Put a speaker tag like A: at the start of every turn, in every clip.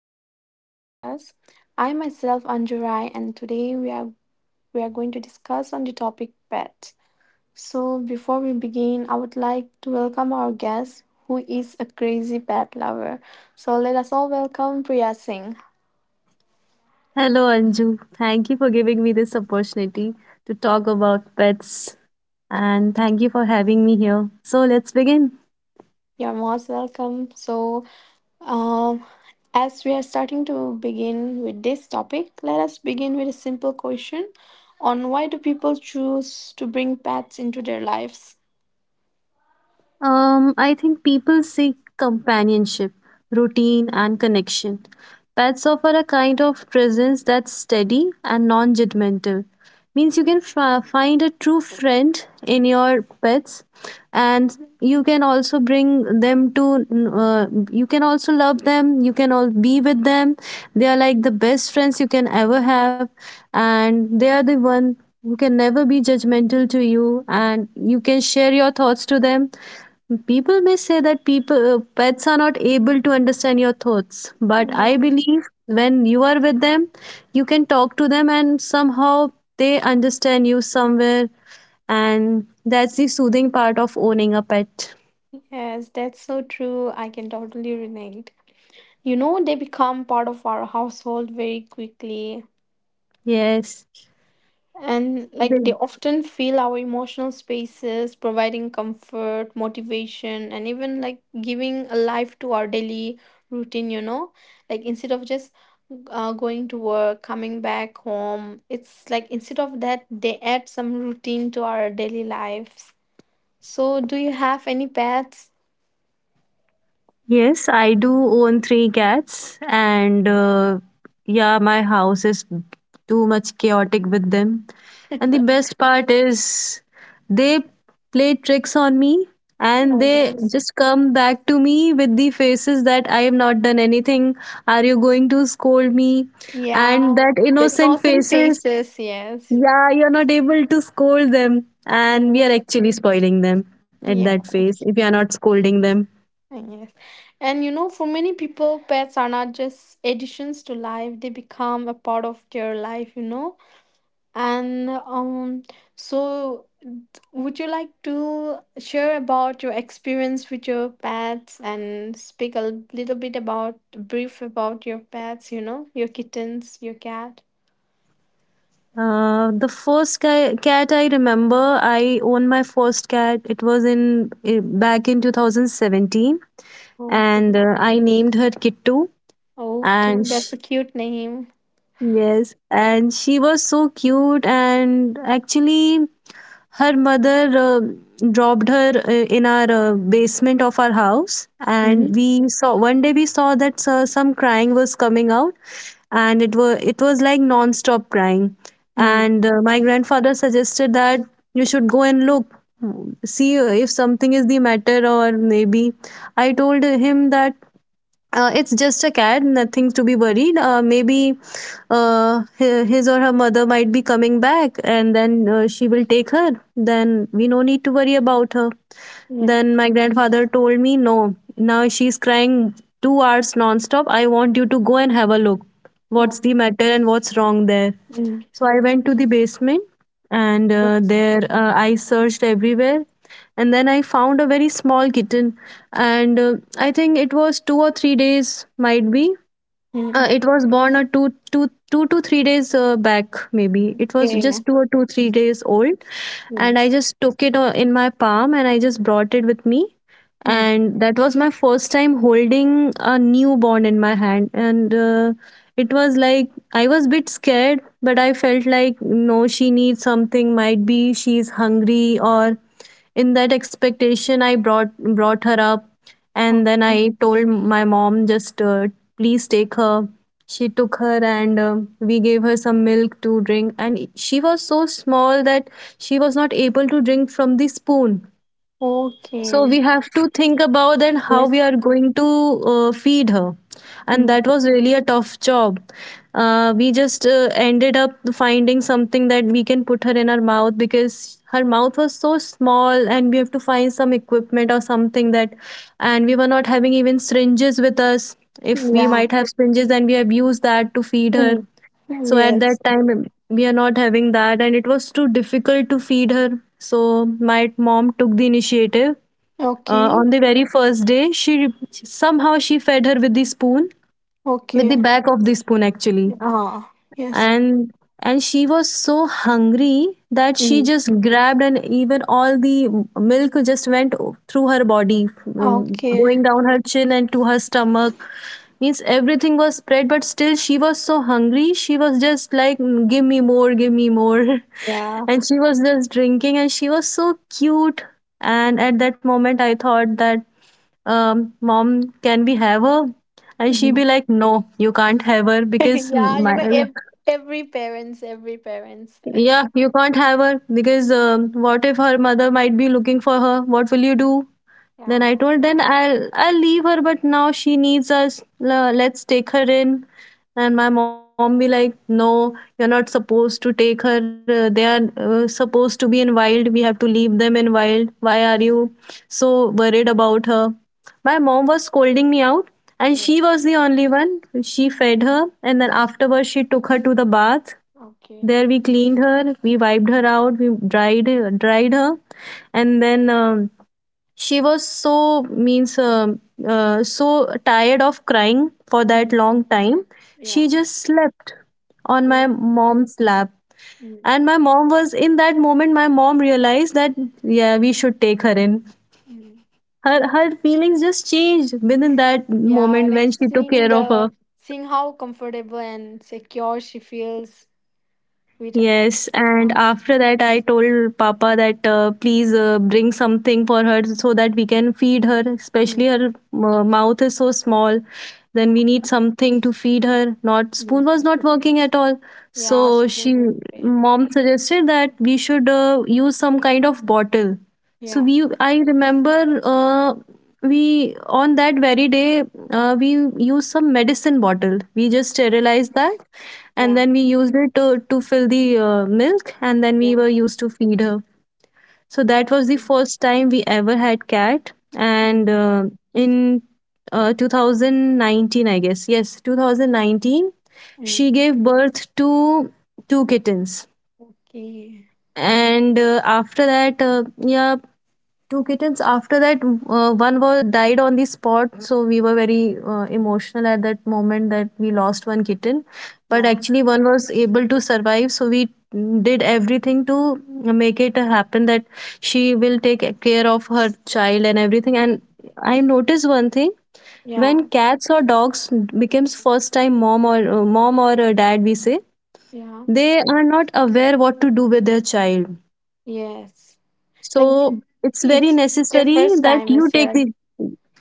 A: back to the podcast. I myself Anju Rai and today we are going to discuss on the topic pets. So before we begin, I would like to welcome our guest who is a crazy pet lover. So let us all welcome Priya Singh.
B: Hello, Anju. Thank you for giving me this opportunity to talk about pets and thank you for having me here. So, let's begin.
A: You're most welcome. So um as we are starting to begin with this topic, let us begin with a simple question on why do people choose to bring pets into their lives?
B: I think people seek companionship, routine, and connection. Pets offer a kind of presence that's steady and non judgmental. Means you can find a true friend in your pets, and you can also bring them to, you can also love them, you can all be with them. They are like the best friends you can ever have, and they are the one who can never be judgmental to you, and you can share your thoughts to them. People may say that people pets are not able to understand your thoughts, but I believe when you are with them, you can talk to them and somehow they understand you somewhere, and that's the soothing part of owning a pet.
A: Yes, that's so true. I can totally relate. You know, they become part of our household very quickly.
B: Yes.
A: And like they often fill our emotional spaces, providing comfort, motivation, and even like giving a life to our daily routine, you know? Like instead of just going to work, coming back home, it's like instead of that, they add some routine to our daily lives. So, do you have any pets?
B: Yes, I do own three cats, and yeah, my house is too much chaotic with them. And the best part is they play tricks on me
A: You
B: and
A: know,
B: they
A: yes.
B: just come back to me with the faces that I have not done anything. Are you going to scold me? And
A: Yeah,
B: that
A: the
B: innocent
A: innocent
B: faces,
A: faces. Yes.
B: yeah, you're not able to scold them. And we are
A: Yes.
B: actually spoiling them at that phase
A: Yes.
B: if you are not scolding them.
A: Yes. And you know, for many people, pets are not just additions to life, they become a part of their life, you know. And so would you like to share about your experience with your pets and speak a little bit about brief about your pets, you know, your kittens, your cat?
B: The first cat I remember, I owned my first cat. It was in back in 2017,
A: Okay.
B: and I named her Kittu.
A: Okay,
B: And
A: that's
B: sh
A: a cute name.
B: Yes, and she was so cute. And actually, her mother dropped her in our basement of our house, and we saw one day, we saw that some crying was coming out, and it was like non-stop crying.
A: Mhm.
B: And my grandfather suggested that you should go and look, see if something is the matter. Or maybe, I told him that it's just a cat, nothing to be worried. Maybe his or her mother might be coming back and then she will take her. Then we no need to worry about her.
A: Yeah.
B: Then my grandfather told me, no, now she's crying 2 hours nonstop. I want you to go and have a look. What's
A: Oh.
B: the matter and what's wrong there?
A: Mm.
B: So I went to the basement, and uh,
A: Yes.
B: there uh, I searched everywhere, and then I found a very small kitten. And I think it was 2 or 3 days, might be.
A: Mm.
B: It was born a two, two, 2 to 3 days back, maybe it was
A: Okay, yeah.
B: just two or two three days old. And I
A: Yes.
B: just took it in my palm, and I just brought it with me.
A: Mm.
B: And that was my first time holding a newborn in my hand. And it was like I was a bit scared, but I felt like, no, she needs something, might be she's hungry. Or in that expectation, I brought her up. And then
A: Okay.
B: I told my mom, just please take her. She took her, and we gave her some milk to drink, and she was so small that she was not able to drink from the spoon. So
A: Okay.
B: we have to think about then how we
A: Yes.
B: are going to feed her. And
A: Mm.
B: that was really a tough job. We just ended up finding something that we can put her in her mouth, because her mouth was so small and we have to find some equipment or something that. And we were not having even syringes with us. If we
A: Yeah.
B: might have syringes, then we have used that to feed her.
A: Mm.
B: So at that
A: Yes.
B: time we are not having that, and it was too difficult to feed her. So my mom took the initiative,
A: Okay.
B: on the very first day. She somehow she fed her with the spoon, with the
A: Okay.
B: back of the spoon actually.
A: Ah. Yes.
B: And and she was so hungry that she
A: Mm.
B: just grabbed, and even all the milk just went through her body,
A: Okay.
B: going down her chin and to her stomach. Means everything was spread, but still she was so hungry. She was just like, "Mm, give me more, give me more."
A: Yeah.
B: And she was just drinking, and she was so cute. And at that moment I thought that, mom, can we have her? And she
A: Mhm.
B: be like, no, you can't have her because
A: yeah.
B: my,
A: Every parents, every parents.
B: yeah, you can't have her because what if her mother might be looking for her? What will you do? Then
A: Yeah.
B: I told, then I'll leave her, but now she needs us. Let's take her in. And my mom be like, no, you're not supposed to take her. They are supposed to be in wild. We have to leave them in wild. Why are you so worried about her? My mom was scolding me out, and
A: Yeah.
B: she was the only one. She fed her, and then
A: Mm.
B: afterwards she took her to the bath.
A: Okay.
B: There we cleaned her, we wiped her out, we dried dried her, and then. She was so means so tired of crying for
A: Mm.
B: that long time.
A: Yeah.
B: She just slept on my
A: Oh.
B: mom's lap.
A: Mm.
B: And my mom was in that moment. My mom realized that, yeah, we should take her in.
A: Mm.
B: Her feelings just changed within that
A: Yeah,
B: moment
A: like
B: when she took
A: seeing
B: care of
A: the
B: her.
A: seeing how comfortable and secure she feels with
B: Yes, and
A: yeah.
B: after that, I told Papa that, please bring something for her so that we can feed her.
A: Mm,
B: Especially her mouth is so small, then
A: yeah.
B: we need something to feed her. Not
A: Mm.
B: spoon was not working at all,
A: Yeah,
B: so
A: spoon
B: she
A: will be-
B: mom suggested that we should use some kind of bottle. So
A: Yeah.
B: we I remember, we on that very day, we used some medicine bottle, we just sterilized that, and
A: Yeah.
B: then we used it to fill the milk, and then we
A: Yeah.
B: were used to feed her. So that was the
A: Mm,
B: first time we ever had cat.
A: mm,
B: And in 2019, I guess, yes, 2019
A: mm.
B: she gave birth to two kittens.
A: Okay.
B: And after that, yeah, two kittens. After that, one was died on the spot, so we were very emotional at that moment that we lost one kitten. But
A: Yeah.
B: actually one was able to survive, so we did everything to make it happen that she will take care of her child and everything.
A: Mm,
B: And I noticed one thing, when
A: Yeah.
B: cats or dogs becomes first time mom, or dad we say,
A: Yeah.
B: they are not aware what to do with their child.
A: Yes. Like
B: So
A: it-
B: it's very
A: it's your
B: necessary
A: first
B: that
A: time
B: you
A: as
B: take
A: well.
B: the,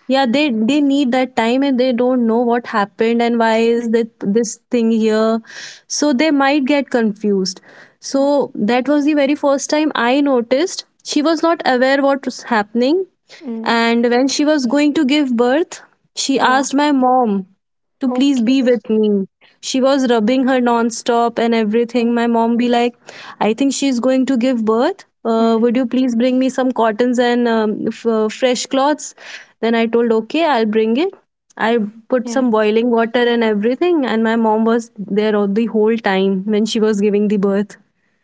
B: yeah, they need that time, and they don't know what happened and why is
A: Mm,
B: that this thing here. So they might get confused.
A: mm,
B: So that was the very first time I noticed she was not aware what was happening.
A: mm.
B: And when she was going to give birth, she
A: Yeah.
B: asked my mom to please
A: Okay.
B: be with me. She was rubbing her nonstop and everything.
A: okay.
B: My mom be like, I think she's going to give birth.
A: Mm,
B: Would you please bring me some cottons and fresh cloths? Then I told, okay, I'll bring it. I put
A: yeah.
B: some boiling water and everything, and my mom was there all the whole time when she was giving the birth.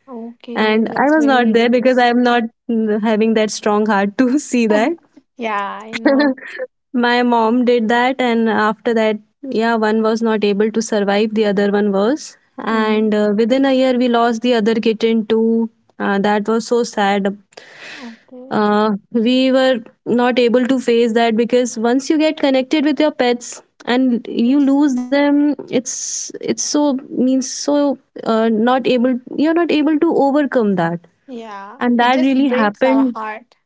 A: Okay.
B: And I
A: That's
B: was
A: very
B: not there because
A: nice.
B: I'm not having that strong heart to see that.
A: yeah, I know.
B: My mom did that, and after that, yeah, one was not able to survive, the other one was.
A: Mm.
B: And within a year, we lost the other kitten too. That was so sad.
A: Okay.
B: We were not able to face that because once you get connected with your pets and you
A: Yes.
B: lose them, it's so means so not able. You're not able to overcome that,
A: Yeah.
B: and
A: It
B: that
A: just
B: really
A: breaks our
B: happened,
A: heart.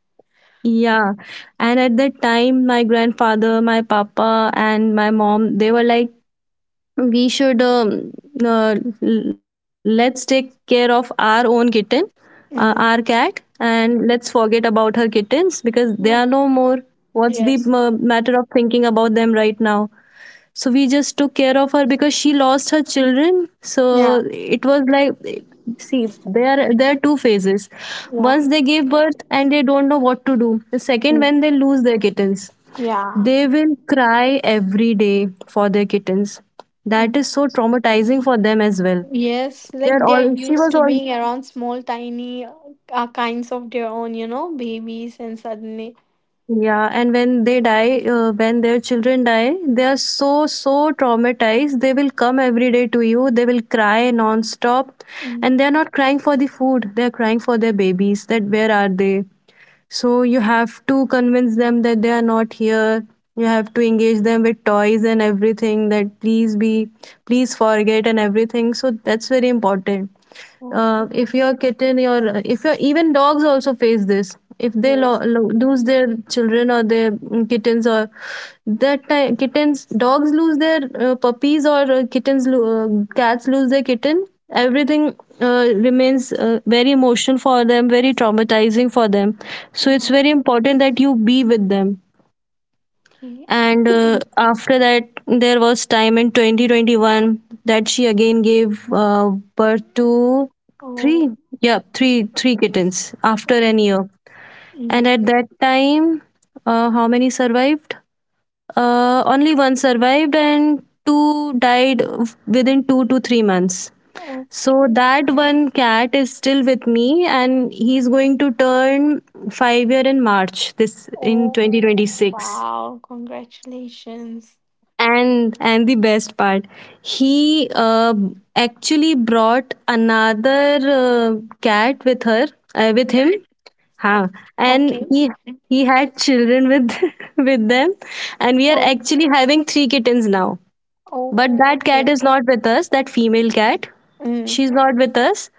B: yeah. And at that time, my grandfather, my papa, and my mom, they were like, we should, uh, let's take care of our own kitten, our
A: Mm.
B: cat, and let's forget about her kittens because they are no
A: Yeah.
B: more. What's the
A: Yes.
B: matter of thinking about them right now? So we just took care of her because she lost her children. So
A: Yeah.
B: it was like, see, there are two phases.
A: Yeah.
B: Once they give birth and they don't know what to do, the second
A: Mm.
B: when they lose their kittens,
A: Yeah.
B: they will cry every day for their kittens. That is so
A: Mm.
B: traumatizing for them as well.
A: Yes.
B: They
A: Like
B: are
A: they're
B: all she
A: used
B: was
A: to
B: all
A: being around small, tiny kinds of their own, you know, babies, and suddenly.
B: Yeah, and when they die, when their children die, they are so, so traumatized. They will come every day to you. They will cry non-stop.
A: Mm.
B: And they are not crying for the food. They are crying for their babies. That where are they? So you have to convince them that they are not here. You have to engage them with toys and everything that please be, please forget and everything. So that's very important.
A: Okay.
B: If your kitten, your if your even dogs also face this. If they
A: Yes.
B: lose their children or their kittens, or that time kittens dogs lose their puppies or kittens, cats lose their kitten, everything remains very emotional for them, very traumatizing for them, so it's
A: Yeah.
B: very important that you be with them.
A: Okay.
B: And after that there was time in 2021 that she again gave birth to three.
A: oh.
B: Yeah,
A: Sure.
B: three kittens after an year. And
A: Mm.
B: at that time, how many survived? Only one survived and two died within 2 to 3 months. So
A: Okay.
B: that one cat is still with me and he's going to turn 5 year in March, this in
A: Oh,
B: 2026.
A: wow. Congratulations.
B: And the best part, he actually brought another cat with her, with him. Huh. And
A: Okay.
B: he had children with with them, and we are
A: Oh,
B: actually having three kittens now. But
A: oh,
B: that cat
A: okay.
B: is not with us, that female cat.
A: Mm.
B: She's not with us.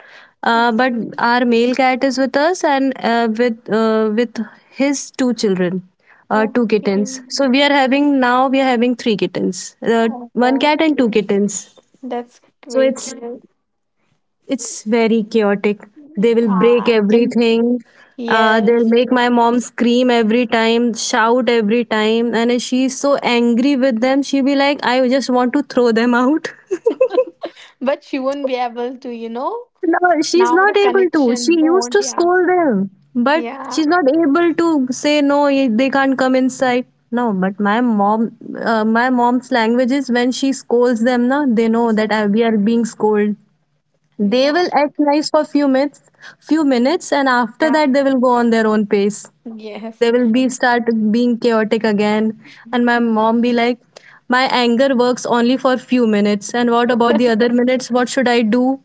B: But
A: Okay.
B: our male cat is with us, and with his two children, two
A: Okay.
B: kittens. So we are having three kittens,
A: Oh,
B: one cat and two
A: okay.
B: kittens.
A: That's
B: So
A: great.
B: it's
A: You
B: it's very chaotic. They will break
A: Ah, can-
B: everything. They'll
A: yes.
B: make my mom scream every time, shout every time, and she's so angry with them. She'll be like, "I just want to throw them out."
A: But she won't be able to, you know,
B: No, she's
A: now
B: not
A: the
B: able to.
A: connection
B: She used
A: bond.
B: to
A: Yeah.
B: scold them, but
A: Yeah.
B: she's not able to say no. They can't come inside. No, but my mom's language is when she scolds them, na, they know that
A: Yes.
B: we are being scolded. They
A: Yeah.
B: will act nice for few minutes, and after
A: Yeah.
B: that they will go on their own pace.
A: Yes.
B: They will be start being chaotic again, and my
A: Mhm.
B: mom be like, my anger works only for few minutes, and what about the other minutes? What should I do?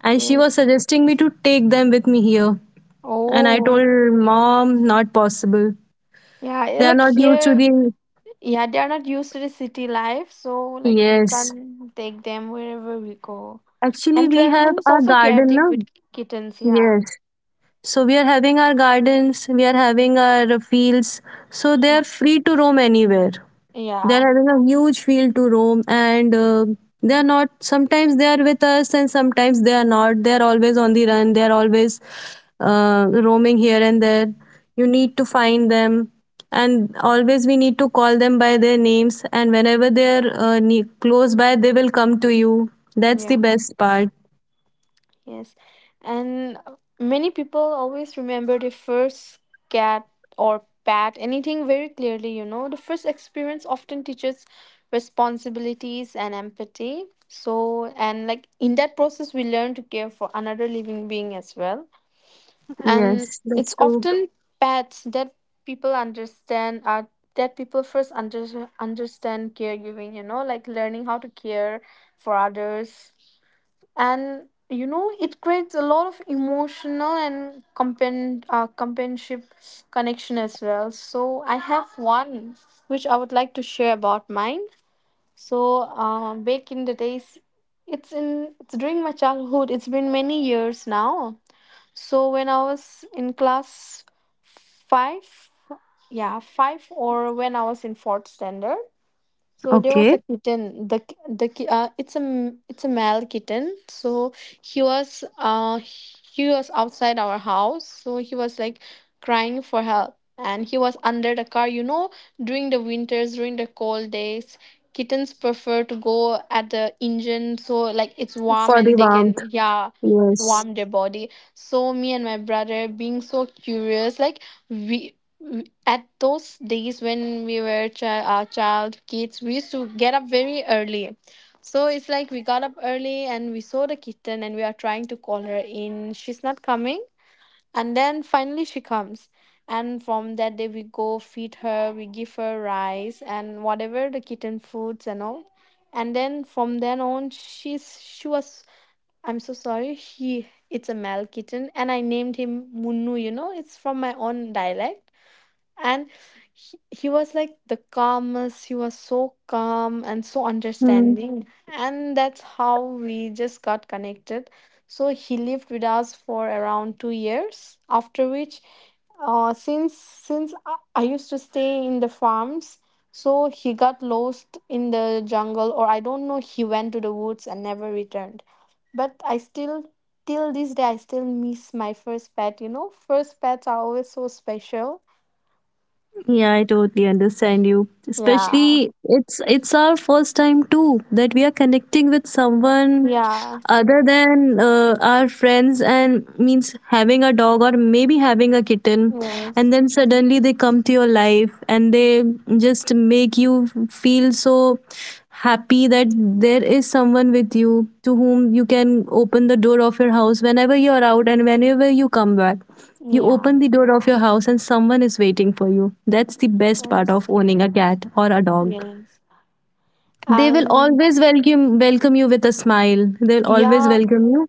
B: And she was
A: Yes.
B: suggesting me to take them with me here. And I
A: Oh,
B: told mom, not possible.
A: yeah.
B: They are
A: Like
B: not used to
A: here,
B: the.
A: yeah, they are not used to the city life, so like we
B: Yes.
A: can take them wherever we go.
B: Actually,
A: And
B: we have
A: traveling is
B: our
A: also
B: garden
A: chaotic
B: now.
A: with kittens. Yeah.
B: Yes. So we are having our gardens, we are having our fields. So they
A: Yeah.
B: are free to roam anywhere. There
A: Yeah.
B: are a huge field to roam, and they are not sometimes they are with us and sometimes they are not. They are always on the run. They are always roaming here and there. You need to find them, and always we need to call them by their names. And whenever they are close by, they will come to you. That's the
A: Yeah.
B: best part.
A: Yes. And many people always remember the first cat or pet, anything very clearly, you know. The first experience often teaches responsibilities and empathy. So, and like in that process, we learn to care for another living being as well. And
B: Yes, that's
A: it's
B: true.
A: often pets that people understand are that people understand caregiving, you know, like learning how to care for others. And you know it creates a lot of emotional and companionship connection as well. So I have one which I would like to share about mine. So back in the days, it's during my childhood, it's been many years now. So when I was in class five, yeah, five, or when I was in fourth standard, so there was
B: Okay.
A: a kitten. It's it's a male kitten. So he was outside our house. So he was like crying for help, and he was under the car. You know, during the winters, during the cold days. Kittens prefer to go at the engine so like it's warm
B: For the
A: and they
B: warmth.
A: can yeah
B: Yes.
A: warm their body. So me and my brother being so curious, like we we- at those days when we were our child kids, we used to get up very early. So it's like we got up early and we saw the kitten and we are trying to call her in, she's not coming, and then finally she comes, and from that day we go feed her, we give her rice and whatever the kitten foods and all. And then from then on she was I'm so sorry. He, it's a male kitten, and I named him Munnu. You know, it's from my own dialect. And he was like the calmest, he was so calm and so
B: Hmm.
A: understanding, and that's how we just got connected. So he lived with us for around 2 years, after which since I used to stay in the farms, so he got lost in the jungle, or I don't know, he went to the woods and never returned. But I still, till this day I still miss my first pet. You know, first pets are always so special.
B: Yeah, I totally understand you.
A: Yeah,
B: Especially it's our first time too that we are connecting with someone
A: yeah,
B: other than our friends, and means having a dog or maybe having a kitten.
A: yes,
B: And then suddenly they come to your life and they just make you feel so happy that there is someone with you, to whom you can open the door of your house whenever you're out and whenever you come back. You open
A: yeah,
B: the door of your house and someone is waiting for you. That's the best part
A: yes,
B: of owning a cat or a dog.
A: yes,
B: They will
A: and
B: always welcome you with a smile. They'll always
A: yeah,
B: welcome you,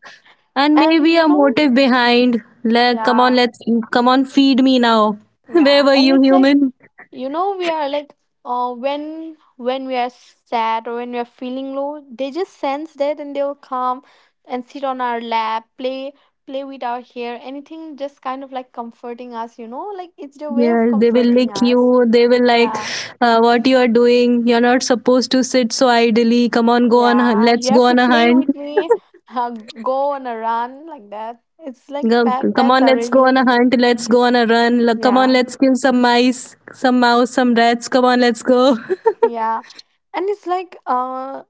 B: and
A: and
B: maybe
A: you
B: a
A: know,
B: motive behind. Like, come on,
A: yeah,
B: let's come on, feed me now. Where
A: yeah,
B: were
A: and
B: you,
A: it's like
B: human?
A: you know we are like, when we are sad or when we are feeling low, they just sense that and they'll come and sit on our lap, play with our hair, anything just kind of like comforting us, you know, like it's their way of
B: Yes, they will
A: comforting
B: lick
A: us.
B: you. They will like,
A: Yeah,
B: what you are doing. You're not supposed to sit so idly. Come on, go on.
A: Yeah,
B: Let's
A: you
B: go
A: have to
B: on a
A: play
B: hunt.
A: with me, uh, go on a run like that. It's like
B: Go, come
A: pets
B: on,
A: are
B: let's go
A: really
B: on a hunt. Let's go on a run. Look, come on,
A: yeah,
B: let's kill some mice, some mouse, some rats. Come on, let's go.
A: yeah. And it's like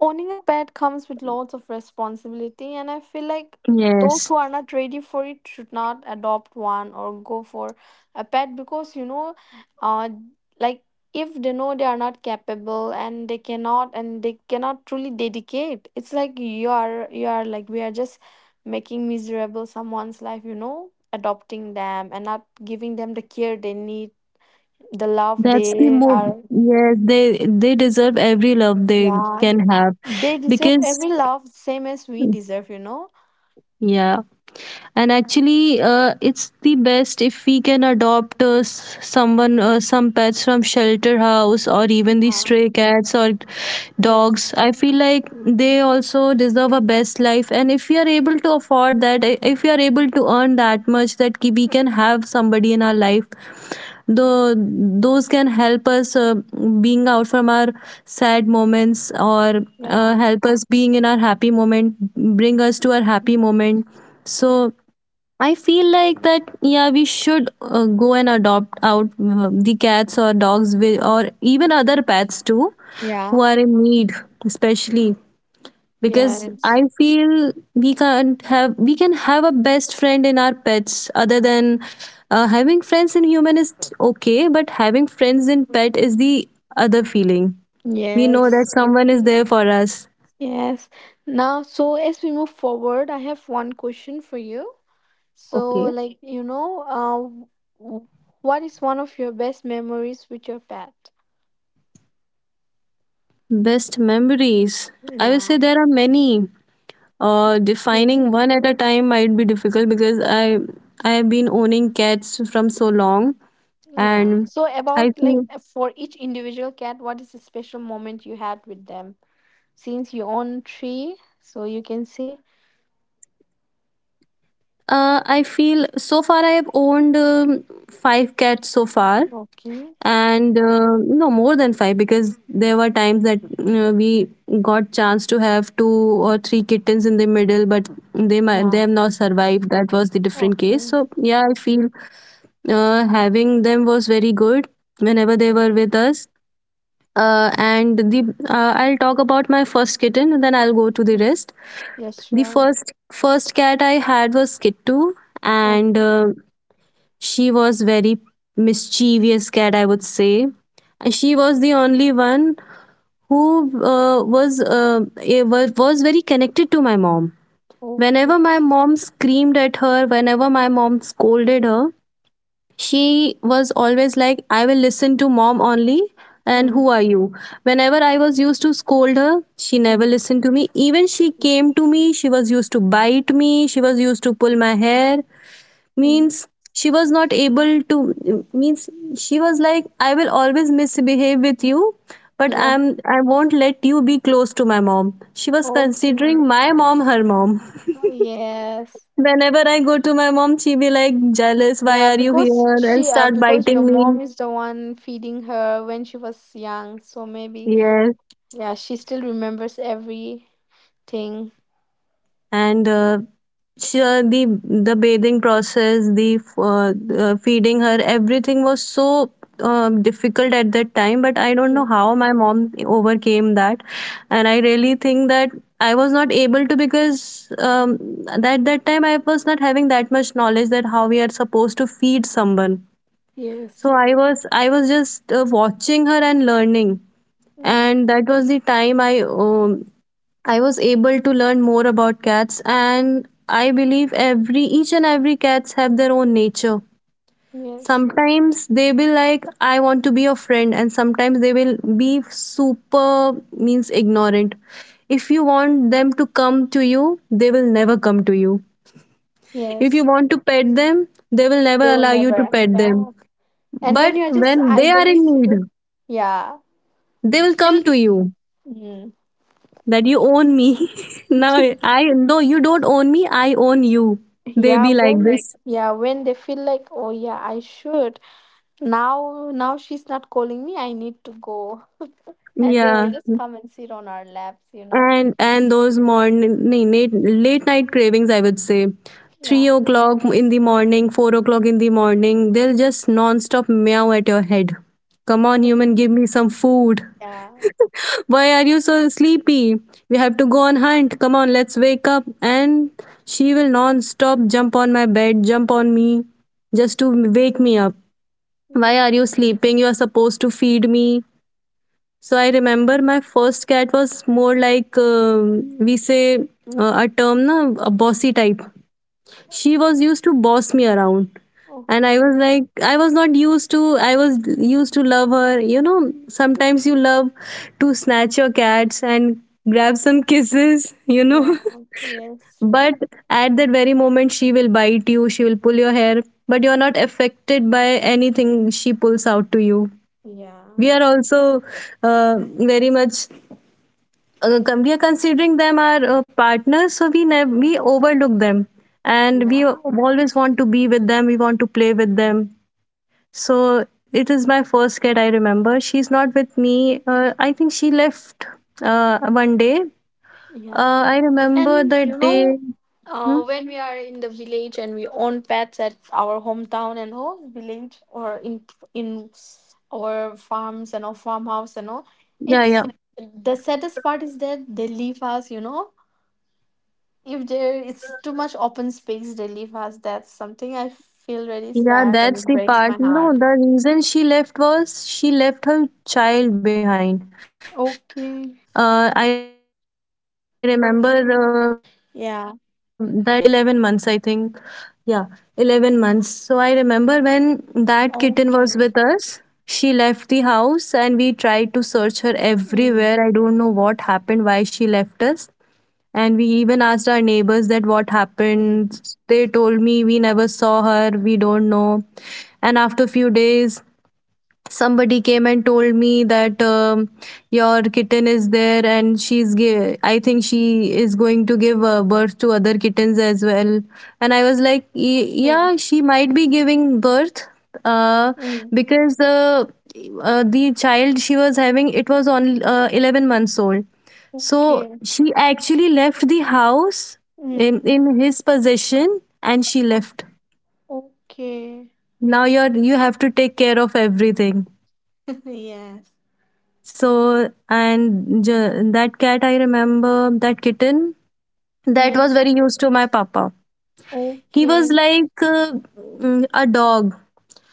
A: owning a pet comes with lots of responsibility, and I feel like those
B: Yes,
A: who are not ready for it should not adopt one or go for a pet because you know, uh, like if they know they are not capable and they cannot truly dedicate, it's like you are like we are just making miserable someone's life, you know, adopting them and not giving them the care they need, the love
B: that's the
A: they
B: move.
A: are
B: Yes, they deserve every love they
A: yeah,
B: can have
A: they deserve
B: because,
A: every love same as we deserve, you know?
B: yeah, and actually, it's the best if we can adopt some pets from shelter house or even the
A: Yeah.
B: stray cats or
A: Yes.
B: dogs. I feel like they also deserve a best life, and if we are able to afford that, if we are able to earn that much, we can have somebody in our life though those can help us, being out from our sad moments, or
A: Yeah.
B: help us being in our happy moment, bring us to our happy moment. So I feel like that, yeah, we should go and adopt out the cats or dogs with, or even other pets too, who
A: Yeah.
B: are in need, especially because
A: Yes.
B: I feel we can't have we can have a best friend in our pets, other than having friends in human is okay, but having friends in pet is the other feeling. We know that
A: Yes.
B: someone is there for us.
A: Yes. Now, so as we move forward, I have one question for you. So,
B: Okay.
A: like, you know, uh, w- what is one of your best memories with your pet?
B: Best memories. I will say
A: Yeah.
B: there are many. Defining
A: Mhm.
B: one at a time might be difficult because I have been owning cats from so long,
A: Yeah.
B: and
A: So,
B: I
A: about like
B: feel
A: for each individual cat, what is the special moment you had with them? Since you own three, so you can say
B: I feel so far I have owned five cats so far, and
A: Okay.
B: no more than five, because there were times that, you know, we got chance to have two or three kittens in the middle, but they have not
A: Yeah.
B: survived. That was the different case. So yeah,
A: Okay.
B: I feel having them was very good whenever they were with us, and the I'll talk about my first kitten, and then I'll go to the
A: okay.
B: rest.
A: Yes,
B: The
A: sure.
B: first cat I had was Kittu, and
A: Okay.
B: she was very mischievous cat, I would say. And she was the only one who uh, was uh, was very connected to my mom.
A: Okay.
B: Whenever my mom screamed at her, whenever my mom scolded her, she was always like, "I will listen to mom only, and who
A: Mm.
B: are you?" Whenever I was used to scold her, she never
A: Mm.
B: listened to me. Even she came to me, she was used to bite me, she was used to pull my hair.
A: Mm.
B: Means she was not able to, means she was like, "I will always misbehave with you, but
A: Yeah.
B: I won't let you be close to my mom." She was
A: Okay.
B: considering my mom her mom.
A: Oh, yes.
B: Whenever I go to my mom, she be like jealous, "Why
A: Yeah,
B: are you
A: because
B: here?" And
A: she
B: start
A: because your
B: biting me.
A: mom is the one feeding her when she was young, so maybe
B: Yes.
A: yeah, she still remembers everything.
B: And sure, the bathing process, the feeding her, everything was so difficult at that time. But I don't
A: Mm.
B: know how my mom overcame that, and I really think that I was not able to, because at that time I was not having that much knowledge that how we are supposed to feed someone.
A: Yes.
B: So I was just watching her and learning.
A: Mm.
B: And that was the time I was able to learn more about cats, and I believe every each and every cats have their own nature.
A: Yes.
B: Sometimes they will like, "I want to be your friend," and sometimes they will be super means ignorant. If you want them to come to you, they will never come to you. If you
A: Yes.
B: want to pet them, they will never
A: They will
B: allow you to
A: never.
B: pet
A: Yeah.
B: them.
A: And when
B: But
A: you are just
B: when they are
A: idly
B: in need,
A: sitting, yeah.
B: they will
A: They will
B: come to you
A: come.
B: that you own me. Now,
A: Mm.
B: I, "No, you don't own me. I own you." They
A: yeah
B: be like
A: when Like-
B: this.
A: yeah when they feel like oh yeah I should now she's not calling me, I need to go, and they will
B: Yeah,
A: Yeah. just come and sit on our laps, you know
B: and those morning late night cravings. I would say three
A: yeah
B: o'clock in the morning, 4 o'clock in the morning. They'll just non-stop meow at your head. "Come on,
A: Like,
B: human, give me some food."
A: yeah
B: "Why are you so sleepy? We have to go on hunt. Come on, let's wake up." And she will non-stop jump on my bed, jump on me, just to wake me up. "Why are
A: yes
B: you sleeping? You are supposed to feed me." So I remember my first cat was more like, we say, a term, na, a bossy type. She was used to boss me around. And I was
A: okay
B: like, I was not used to, I was used to love her. You know, sometimes you love to snatch your cats and grab some kisses, you know.
A: yeah yes
B: But at that very moment, she will bite you, she will pull your hair, but you're not affected by anything she pulls out to you.
A: yeah
B: We are also very much we are considering them our partners. So we never
A: yeah
B: we overlook them. And we
A: yeah
B: always want to be with them, we want to play with them. So it is my first cat, I remember. She's not with me. I think she left one day.
A: Yeah.
B: I
A: and
B: remember the
A: you know
B: day. Hmm?
A: When we are in the village and we own pets at our hometown and all village or in our farms and our farmhouse and all,
B: Yeah,
A: it's
B: yeah.
A: the saddest part is that they leave us. You know, if there is too much open space, they leave us. That's something I feel really
B: Yeah,
A: sad and
B: that's
A: it
B: the
A: breaks
B: part.
A: my
B: No,
A: heart.
B: the reason she left was she left her child behind. I remember
A: Okay.
B: uh, that one kitten, the kitten she gave, it
A: Yeah.
B: survived 11 months, I think. Yeah, 11 months. So I remember when that kitten
A: Okay.
B: was with us, she left the house and we tried to search her
A: Mm.
B: everywhere. I don't know what happened, why she left us. And we even asked our neighbors that what
A: Mm.
B: happened. They told me we never saw her, we don't know. And after few days, somebody came and told me that your kitten is there and I think she is going to give birth to other kittens as well. And I was like,
A: Yeah.
B: Yeah, she might be giving birth uh,
A: Mm.
B: because the child she was having, it was only 11 months old, so
A: Okay.
B: she actually left the house
A: Mm.
B: in his possession and she
A: O-
B: left.
A: Okay.
B: Now you have to take care of everything.
A: yes.
B: So that cat, I remember that kitten, that was
A: Yes.
B: very used to my papa. He was
A: Okay.
B: like a dog.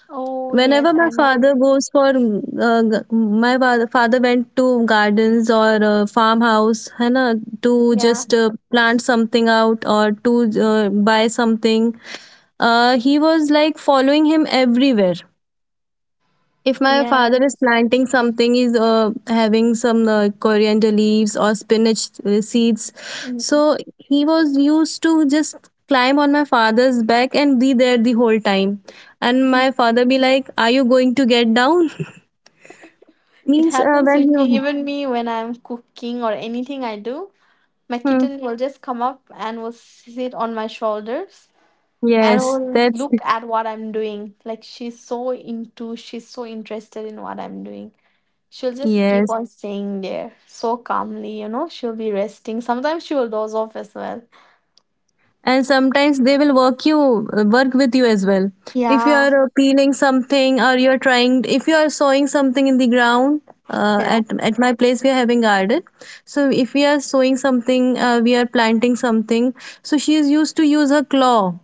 A: Oh, yes,
B: Whenever my
A: I know.
B: father goes for father went to gardens or farmhouse, है ना, to
A: Yeah.
B: just plant something out or to buy something. He was like following him everywhere. If my father is
A: Yes.
B: planting something, he's having some coriander leaves or spinach seeds,
A: Mm.
B: so he was used to just climb on my father's back and be there the whole time. And my father be like, are you going to get down?
A: It
B: Means
A: happens
B: when
A: with me,
B: you
A: even me, when I'm cooking or anything I do. My
B: hmm,
A: kitten will just come up and will sit on my shoulders and
B: yes
A: will
B: that's
A: look at what I'm doing. Like she's so interested in what I'm doing. She'll just keep
B: yes,
A: on staying there so calmly, you know. She'll be resting. Sometimes she will doze off as well.
B: and sometimes they will work with you as well. If you
A: Yeah.
B: are peeling something or you're trying if you are sowing something in the ground. uh,
A: Yeah.
B: at, at my place we are having garden, so if we are sowing something, we are planting something, so she is used to use her claw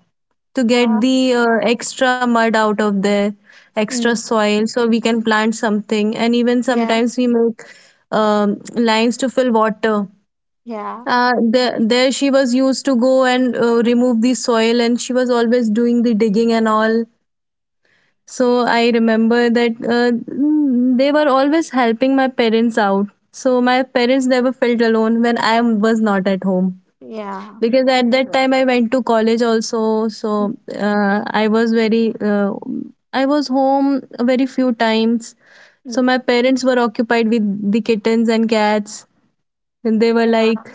B: to get
A: Yeah.
B: the extra mud out of there, extra
A: Mm.
B: soil, so we can plant something. And even
A: Yeah.
B: sometimes we make lines to fill water.
A: Yeah.
B: There she was used to go and remove the soil, and she was always doing the digging and all. So I remember that they were always helping my parents out, so my parents never felt alone when I was not at home,
A: Yeah.
B: because at that time I went to college also, so
A: Mm.
B: I was home very few times. So
A: Mm,
B: my parents were occupied with the kittens and cats, and they were
A: Yeah,
B: like,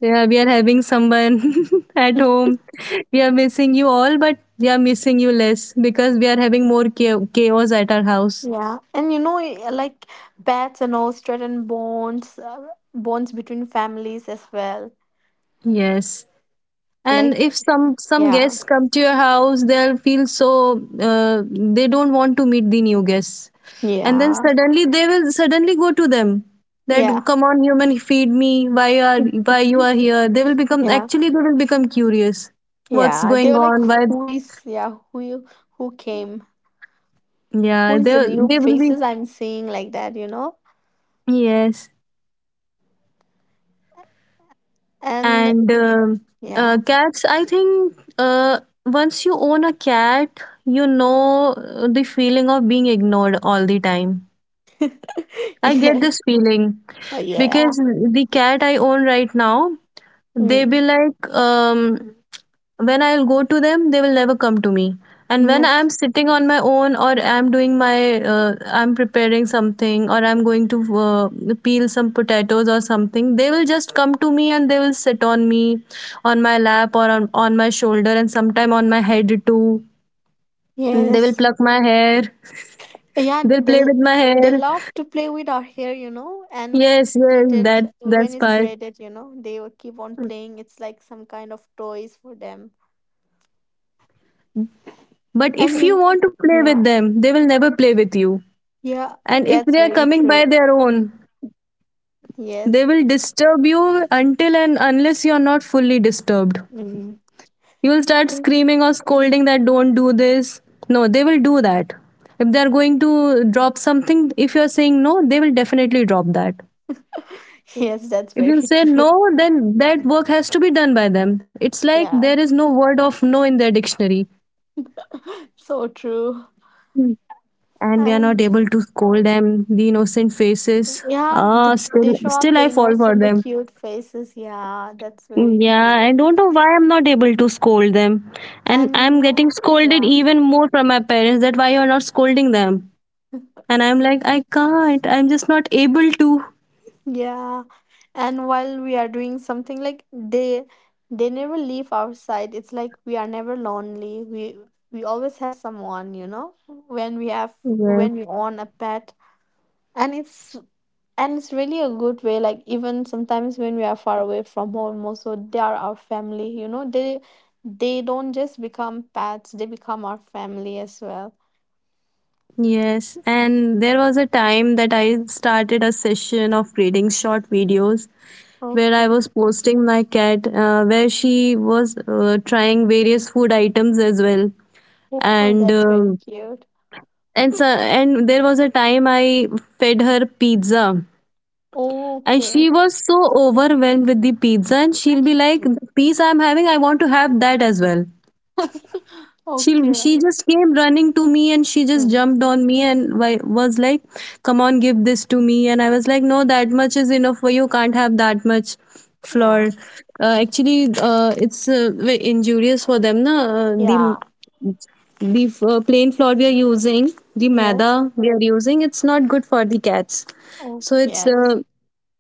B: "Yeah, we are having someone at home. We are missing you all, but we are missing you less because we are having more chaos at our house."
A: yeah, and you know, like bats and all strengthen bonds, bonds between families as well.
B: Yes. And
A: Like, yeah,
B: if some
A: yeah,
B: guests come to your house, they'll feel so they don't want to meet the new guests. And then suddenly they will suddenly go to them, that
A: yeah,
B: come on, human, feed me. Why are, why you are here? They will become,
A: yeah,
B: actually they will become curious. What's
A: yeah.
B: going
A: They were like,
B: on? Why,
A: who is, yeah, who came, who
B: yeah,
A: is the
B: they
A: new
B: they will be.
A: faces I'm seeing like that, you know?
B: Yes,
A: And
B: and
A: yeah,
B: cats. I think once you own a cat, you know the feeling of being ignored all the time. I get
A: yes,
B: this feeling
A: Oh, yeah,
B: because the cat I own right now, they
A: mm,
B: be like, when I'll go to them, they will never come to me. And when I'm
A: yes,
B: sitting on my own, or I'm doing my, I'm preparing something, or I'm going to peel some potatoes or something, they will just come to me and they will sit on me, on my lap, or on my shoulder, and sometime on my head too. They will
A: yes.
B: pluck my hair.
A: Yeah,
B: They'll play with my
A: they
B: hair.
A: love to play with our hair, you know. And when it's
B: Yes, yes,
A: pleated,
B: that
A: when
B: that's
A: it's
B: part.
A: braided, you know, they will keep on playing. It's like some kind of toys for them.
B: But
A: And
B: if
A: you,
B: you
A: know-
B: want to play with
A: yeah,
B: them, they will never play with you.
A: yeah,
B: And if
A: that's
B: they are
A: very
B: coming by
A: true.
B: their own,
A: Yes,
B: they will disturb you until and unless you are not fully disturbed.
A: Mhm.
B: You will start
A: and
B: screaming or scolding that don't do this. No, they will do that. If they are going to drop something, if you are saying no, they will definitely drop that.
A: yes, that's
B: If
A: very
B: you say
A: true.
B: no, then that work has to be done by them. It's like there
A: Yeah,
B: is no word of no in their dictionary.
A: so true.
B: And we are not
A: And
B: able to scold them. The innocent faces.
A: yeah,
B: Ah, still,
A: they show up
B: still
A: the
B: I fall for
A: innocent, the
B: them.
A: cute faces. Yeah, that's very
B: Yeah,
A: true.
B: I don't know why I'm not able to scold them. And
A: And you
B: I'm
A: know,
B: getting scolded
A: yeah.
B: even more from my parents that why you're not scolding them. And I'm like, I can't. I'm just not able to.
A: Yeah, and while we are doing something like they never leave our side. It's like we are never lonely. We always have someone, you know, when we have
B: Yes.
A: when we own a pet. And it's and it's really a good way. Like even sometimes when we are far away from home also they are our family, you know. They don't just become pets, they become our family as well.
B: Yes. And there was a time that I started a session of creating short videos where I
A: Okay.
B: was posting my cat, where she was trying various food items as well.
A: Oh,
B: and
A: that's very
B: um,
A: cute.
B: and there was a time I fed her pizza, and
A: Okay.
B: she was so overwhelmed with the pizza, and she'll be like, the piece I'm having, I want to have that as well. she
A: Okay.
B: she just came running to me, and she just
A: Hmm.
B: jumped on me, and was like, come on, give this to me. And I was like, no, that much is enough for you, can't have that much flour.
A: Yeah.
B: Actually It's very injurious for them, na.
A: Yeah.
B: The plain flour we are using, the
A: Yes.
B: maida we are using, it's not good for the cats.
A: Oh,
B: So
A: yes.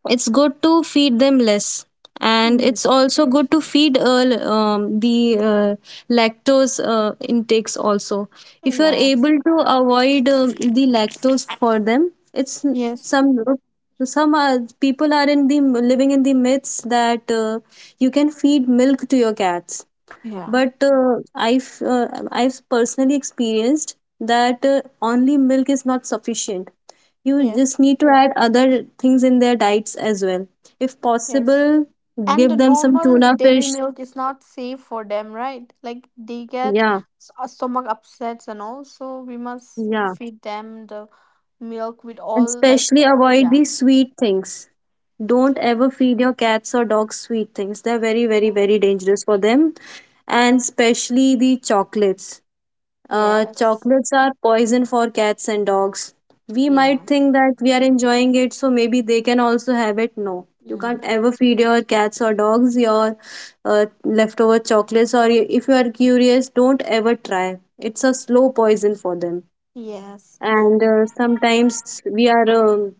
B: it's good to feed them less. And
A: Mm.
B: it's also good to feed the lactose intakes also. If you are
A: Yes.
B: able to avoid the lactose for them, it's
A: Yes.
B: some some are, people are in the living in the myths that you can feed milk to your cats.
A: Yeah.
B: But I've personally experienced that only milk is not sufficient. You
A: Yes.
B: just need to add other things in their diets as well. If
A: Yes.
B: possible,
A: And the
B: give them some
A: normal
B: tuna
A: dairy
B: fish.
A: milk is not safe for them, right? Like they get
B: Yeah,
A: stomach upsets and all. So we must
B: yeah.
A: feed them the milk with
B: And
A: all like
B: especially avoid
A: yeah.
B: the sweet things. Don't
A: Ye-
B: ever feed your cats or dogs sweet things. They're very, very,
A: Yes.
B: very dangerous for them. And especially the chocolates. Uh,
A: Yes.
B: chocolates are poison for cats and dogs. We might
A: Yes.
B: think that we are enjoying it, so maybe they can also have it. No, you
A: Mm.
B: can't ever feed your cats or dogs your leftover chocolates, or if you are curious, don't ever try. It's a slow poison for them.
A: Yes.
B: And sometimes we are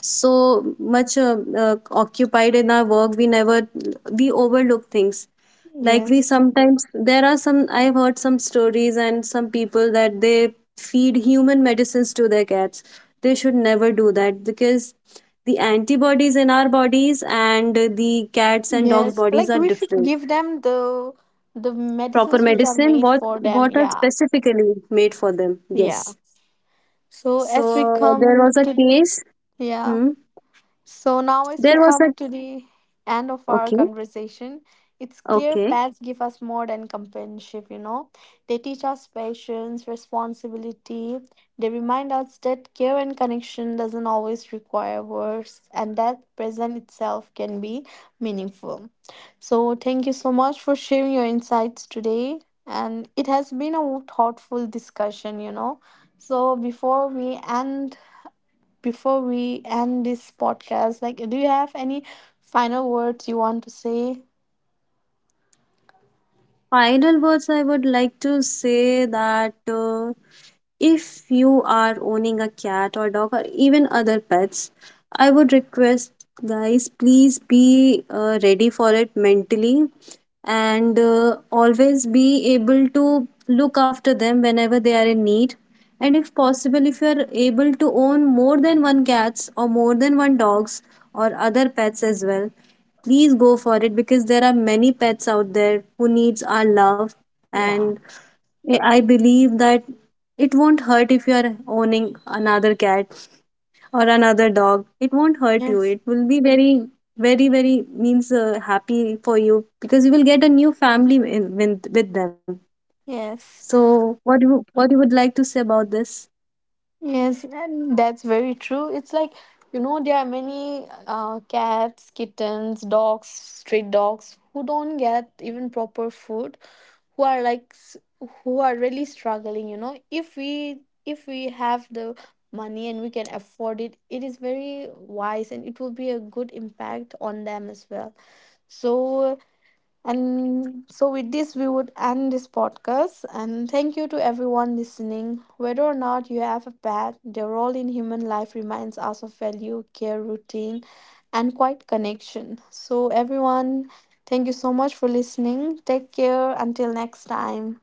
B: so much occupied in our work, we never we overlook things. Like, we
A: Yes.
B: sometimes, there are some, I've heard some stories and some people that they feed human medicines to their cats. They should never do that, because the antibodies in our bodies and the cats and dogs
A: Yes,
B: bodies
A: like
B: are
A: we should
B: different.
A: give them the
B: Proper
A: medicines which are
B: medicine,
A: made
B: what
A: for
B: what
A: them.
B: are
A: Yeah,
B: specifically made for them,
A: yeah.
B: yes.
A: So as we
B: So there
A: come
B: was a
A: to
B: case,
A: yeah,
B: hmm,
A: So now, as we
B: there was
A: come
B: a,
A: to the end of our
B: okay,
A: conversation, it's clear
B: okay.
A: pets give us more than companionship, you know. They teach us patience, responsibility. They remind us that care and connection doesn't always require words and that present itself can be meaningful. So thank you so much for sharing your insights today. And it has been a thoughtful discussion, you know. So before we end this podcast, like, do you have any final words you want to say?
B: Final words I would like to say that if you are owning a cat or dog or even other pets, I would request, guys, please be ready for it mentally, and always be able to look after them whenever they are in need. And if possible, if you are able to own more than one cats or more than one dogs or other pets as well, please go for it, because there are many pets out there who needs our love. And
A: Yeah.
B: I believe that it won't hurt if you are owning another cat or another dog. It won't hurt you,
A: Yes.
B: it will be very, very, very means happy for you, because you will get a new family with them. So
A: Yes.
B: what you would like to say about this?
A: Yes. And that's very true. It's like, you know, there are many cats, kittens, dogs, stray dogs who don't get even proper food, who are like, s- who are really struggling, you know. If we have the money and we can afford it, it is very wise and it will be a good impact on them as well. So, and so with this, we would end this podcast. And thank you to everyone listening. Whether or not you have a pet, their role in human life reminds us of value, care, routine, and quiet connection. So, everyone, thank you so much for listening. Take care. Until next time.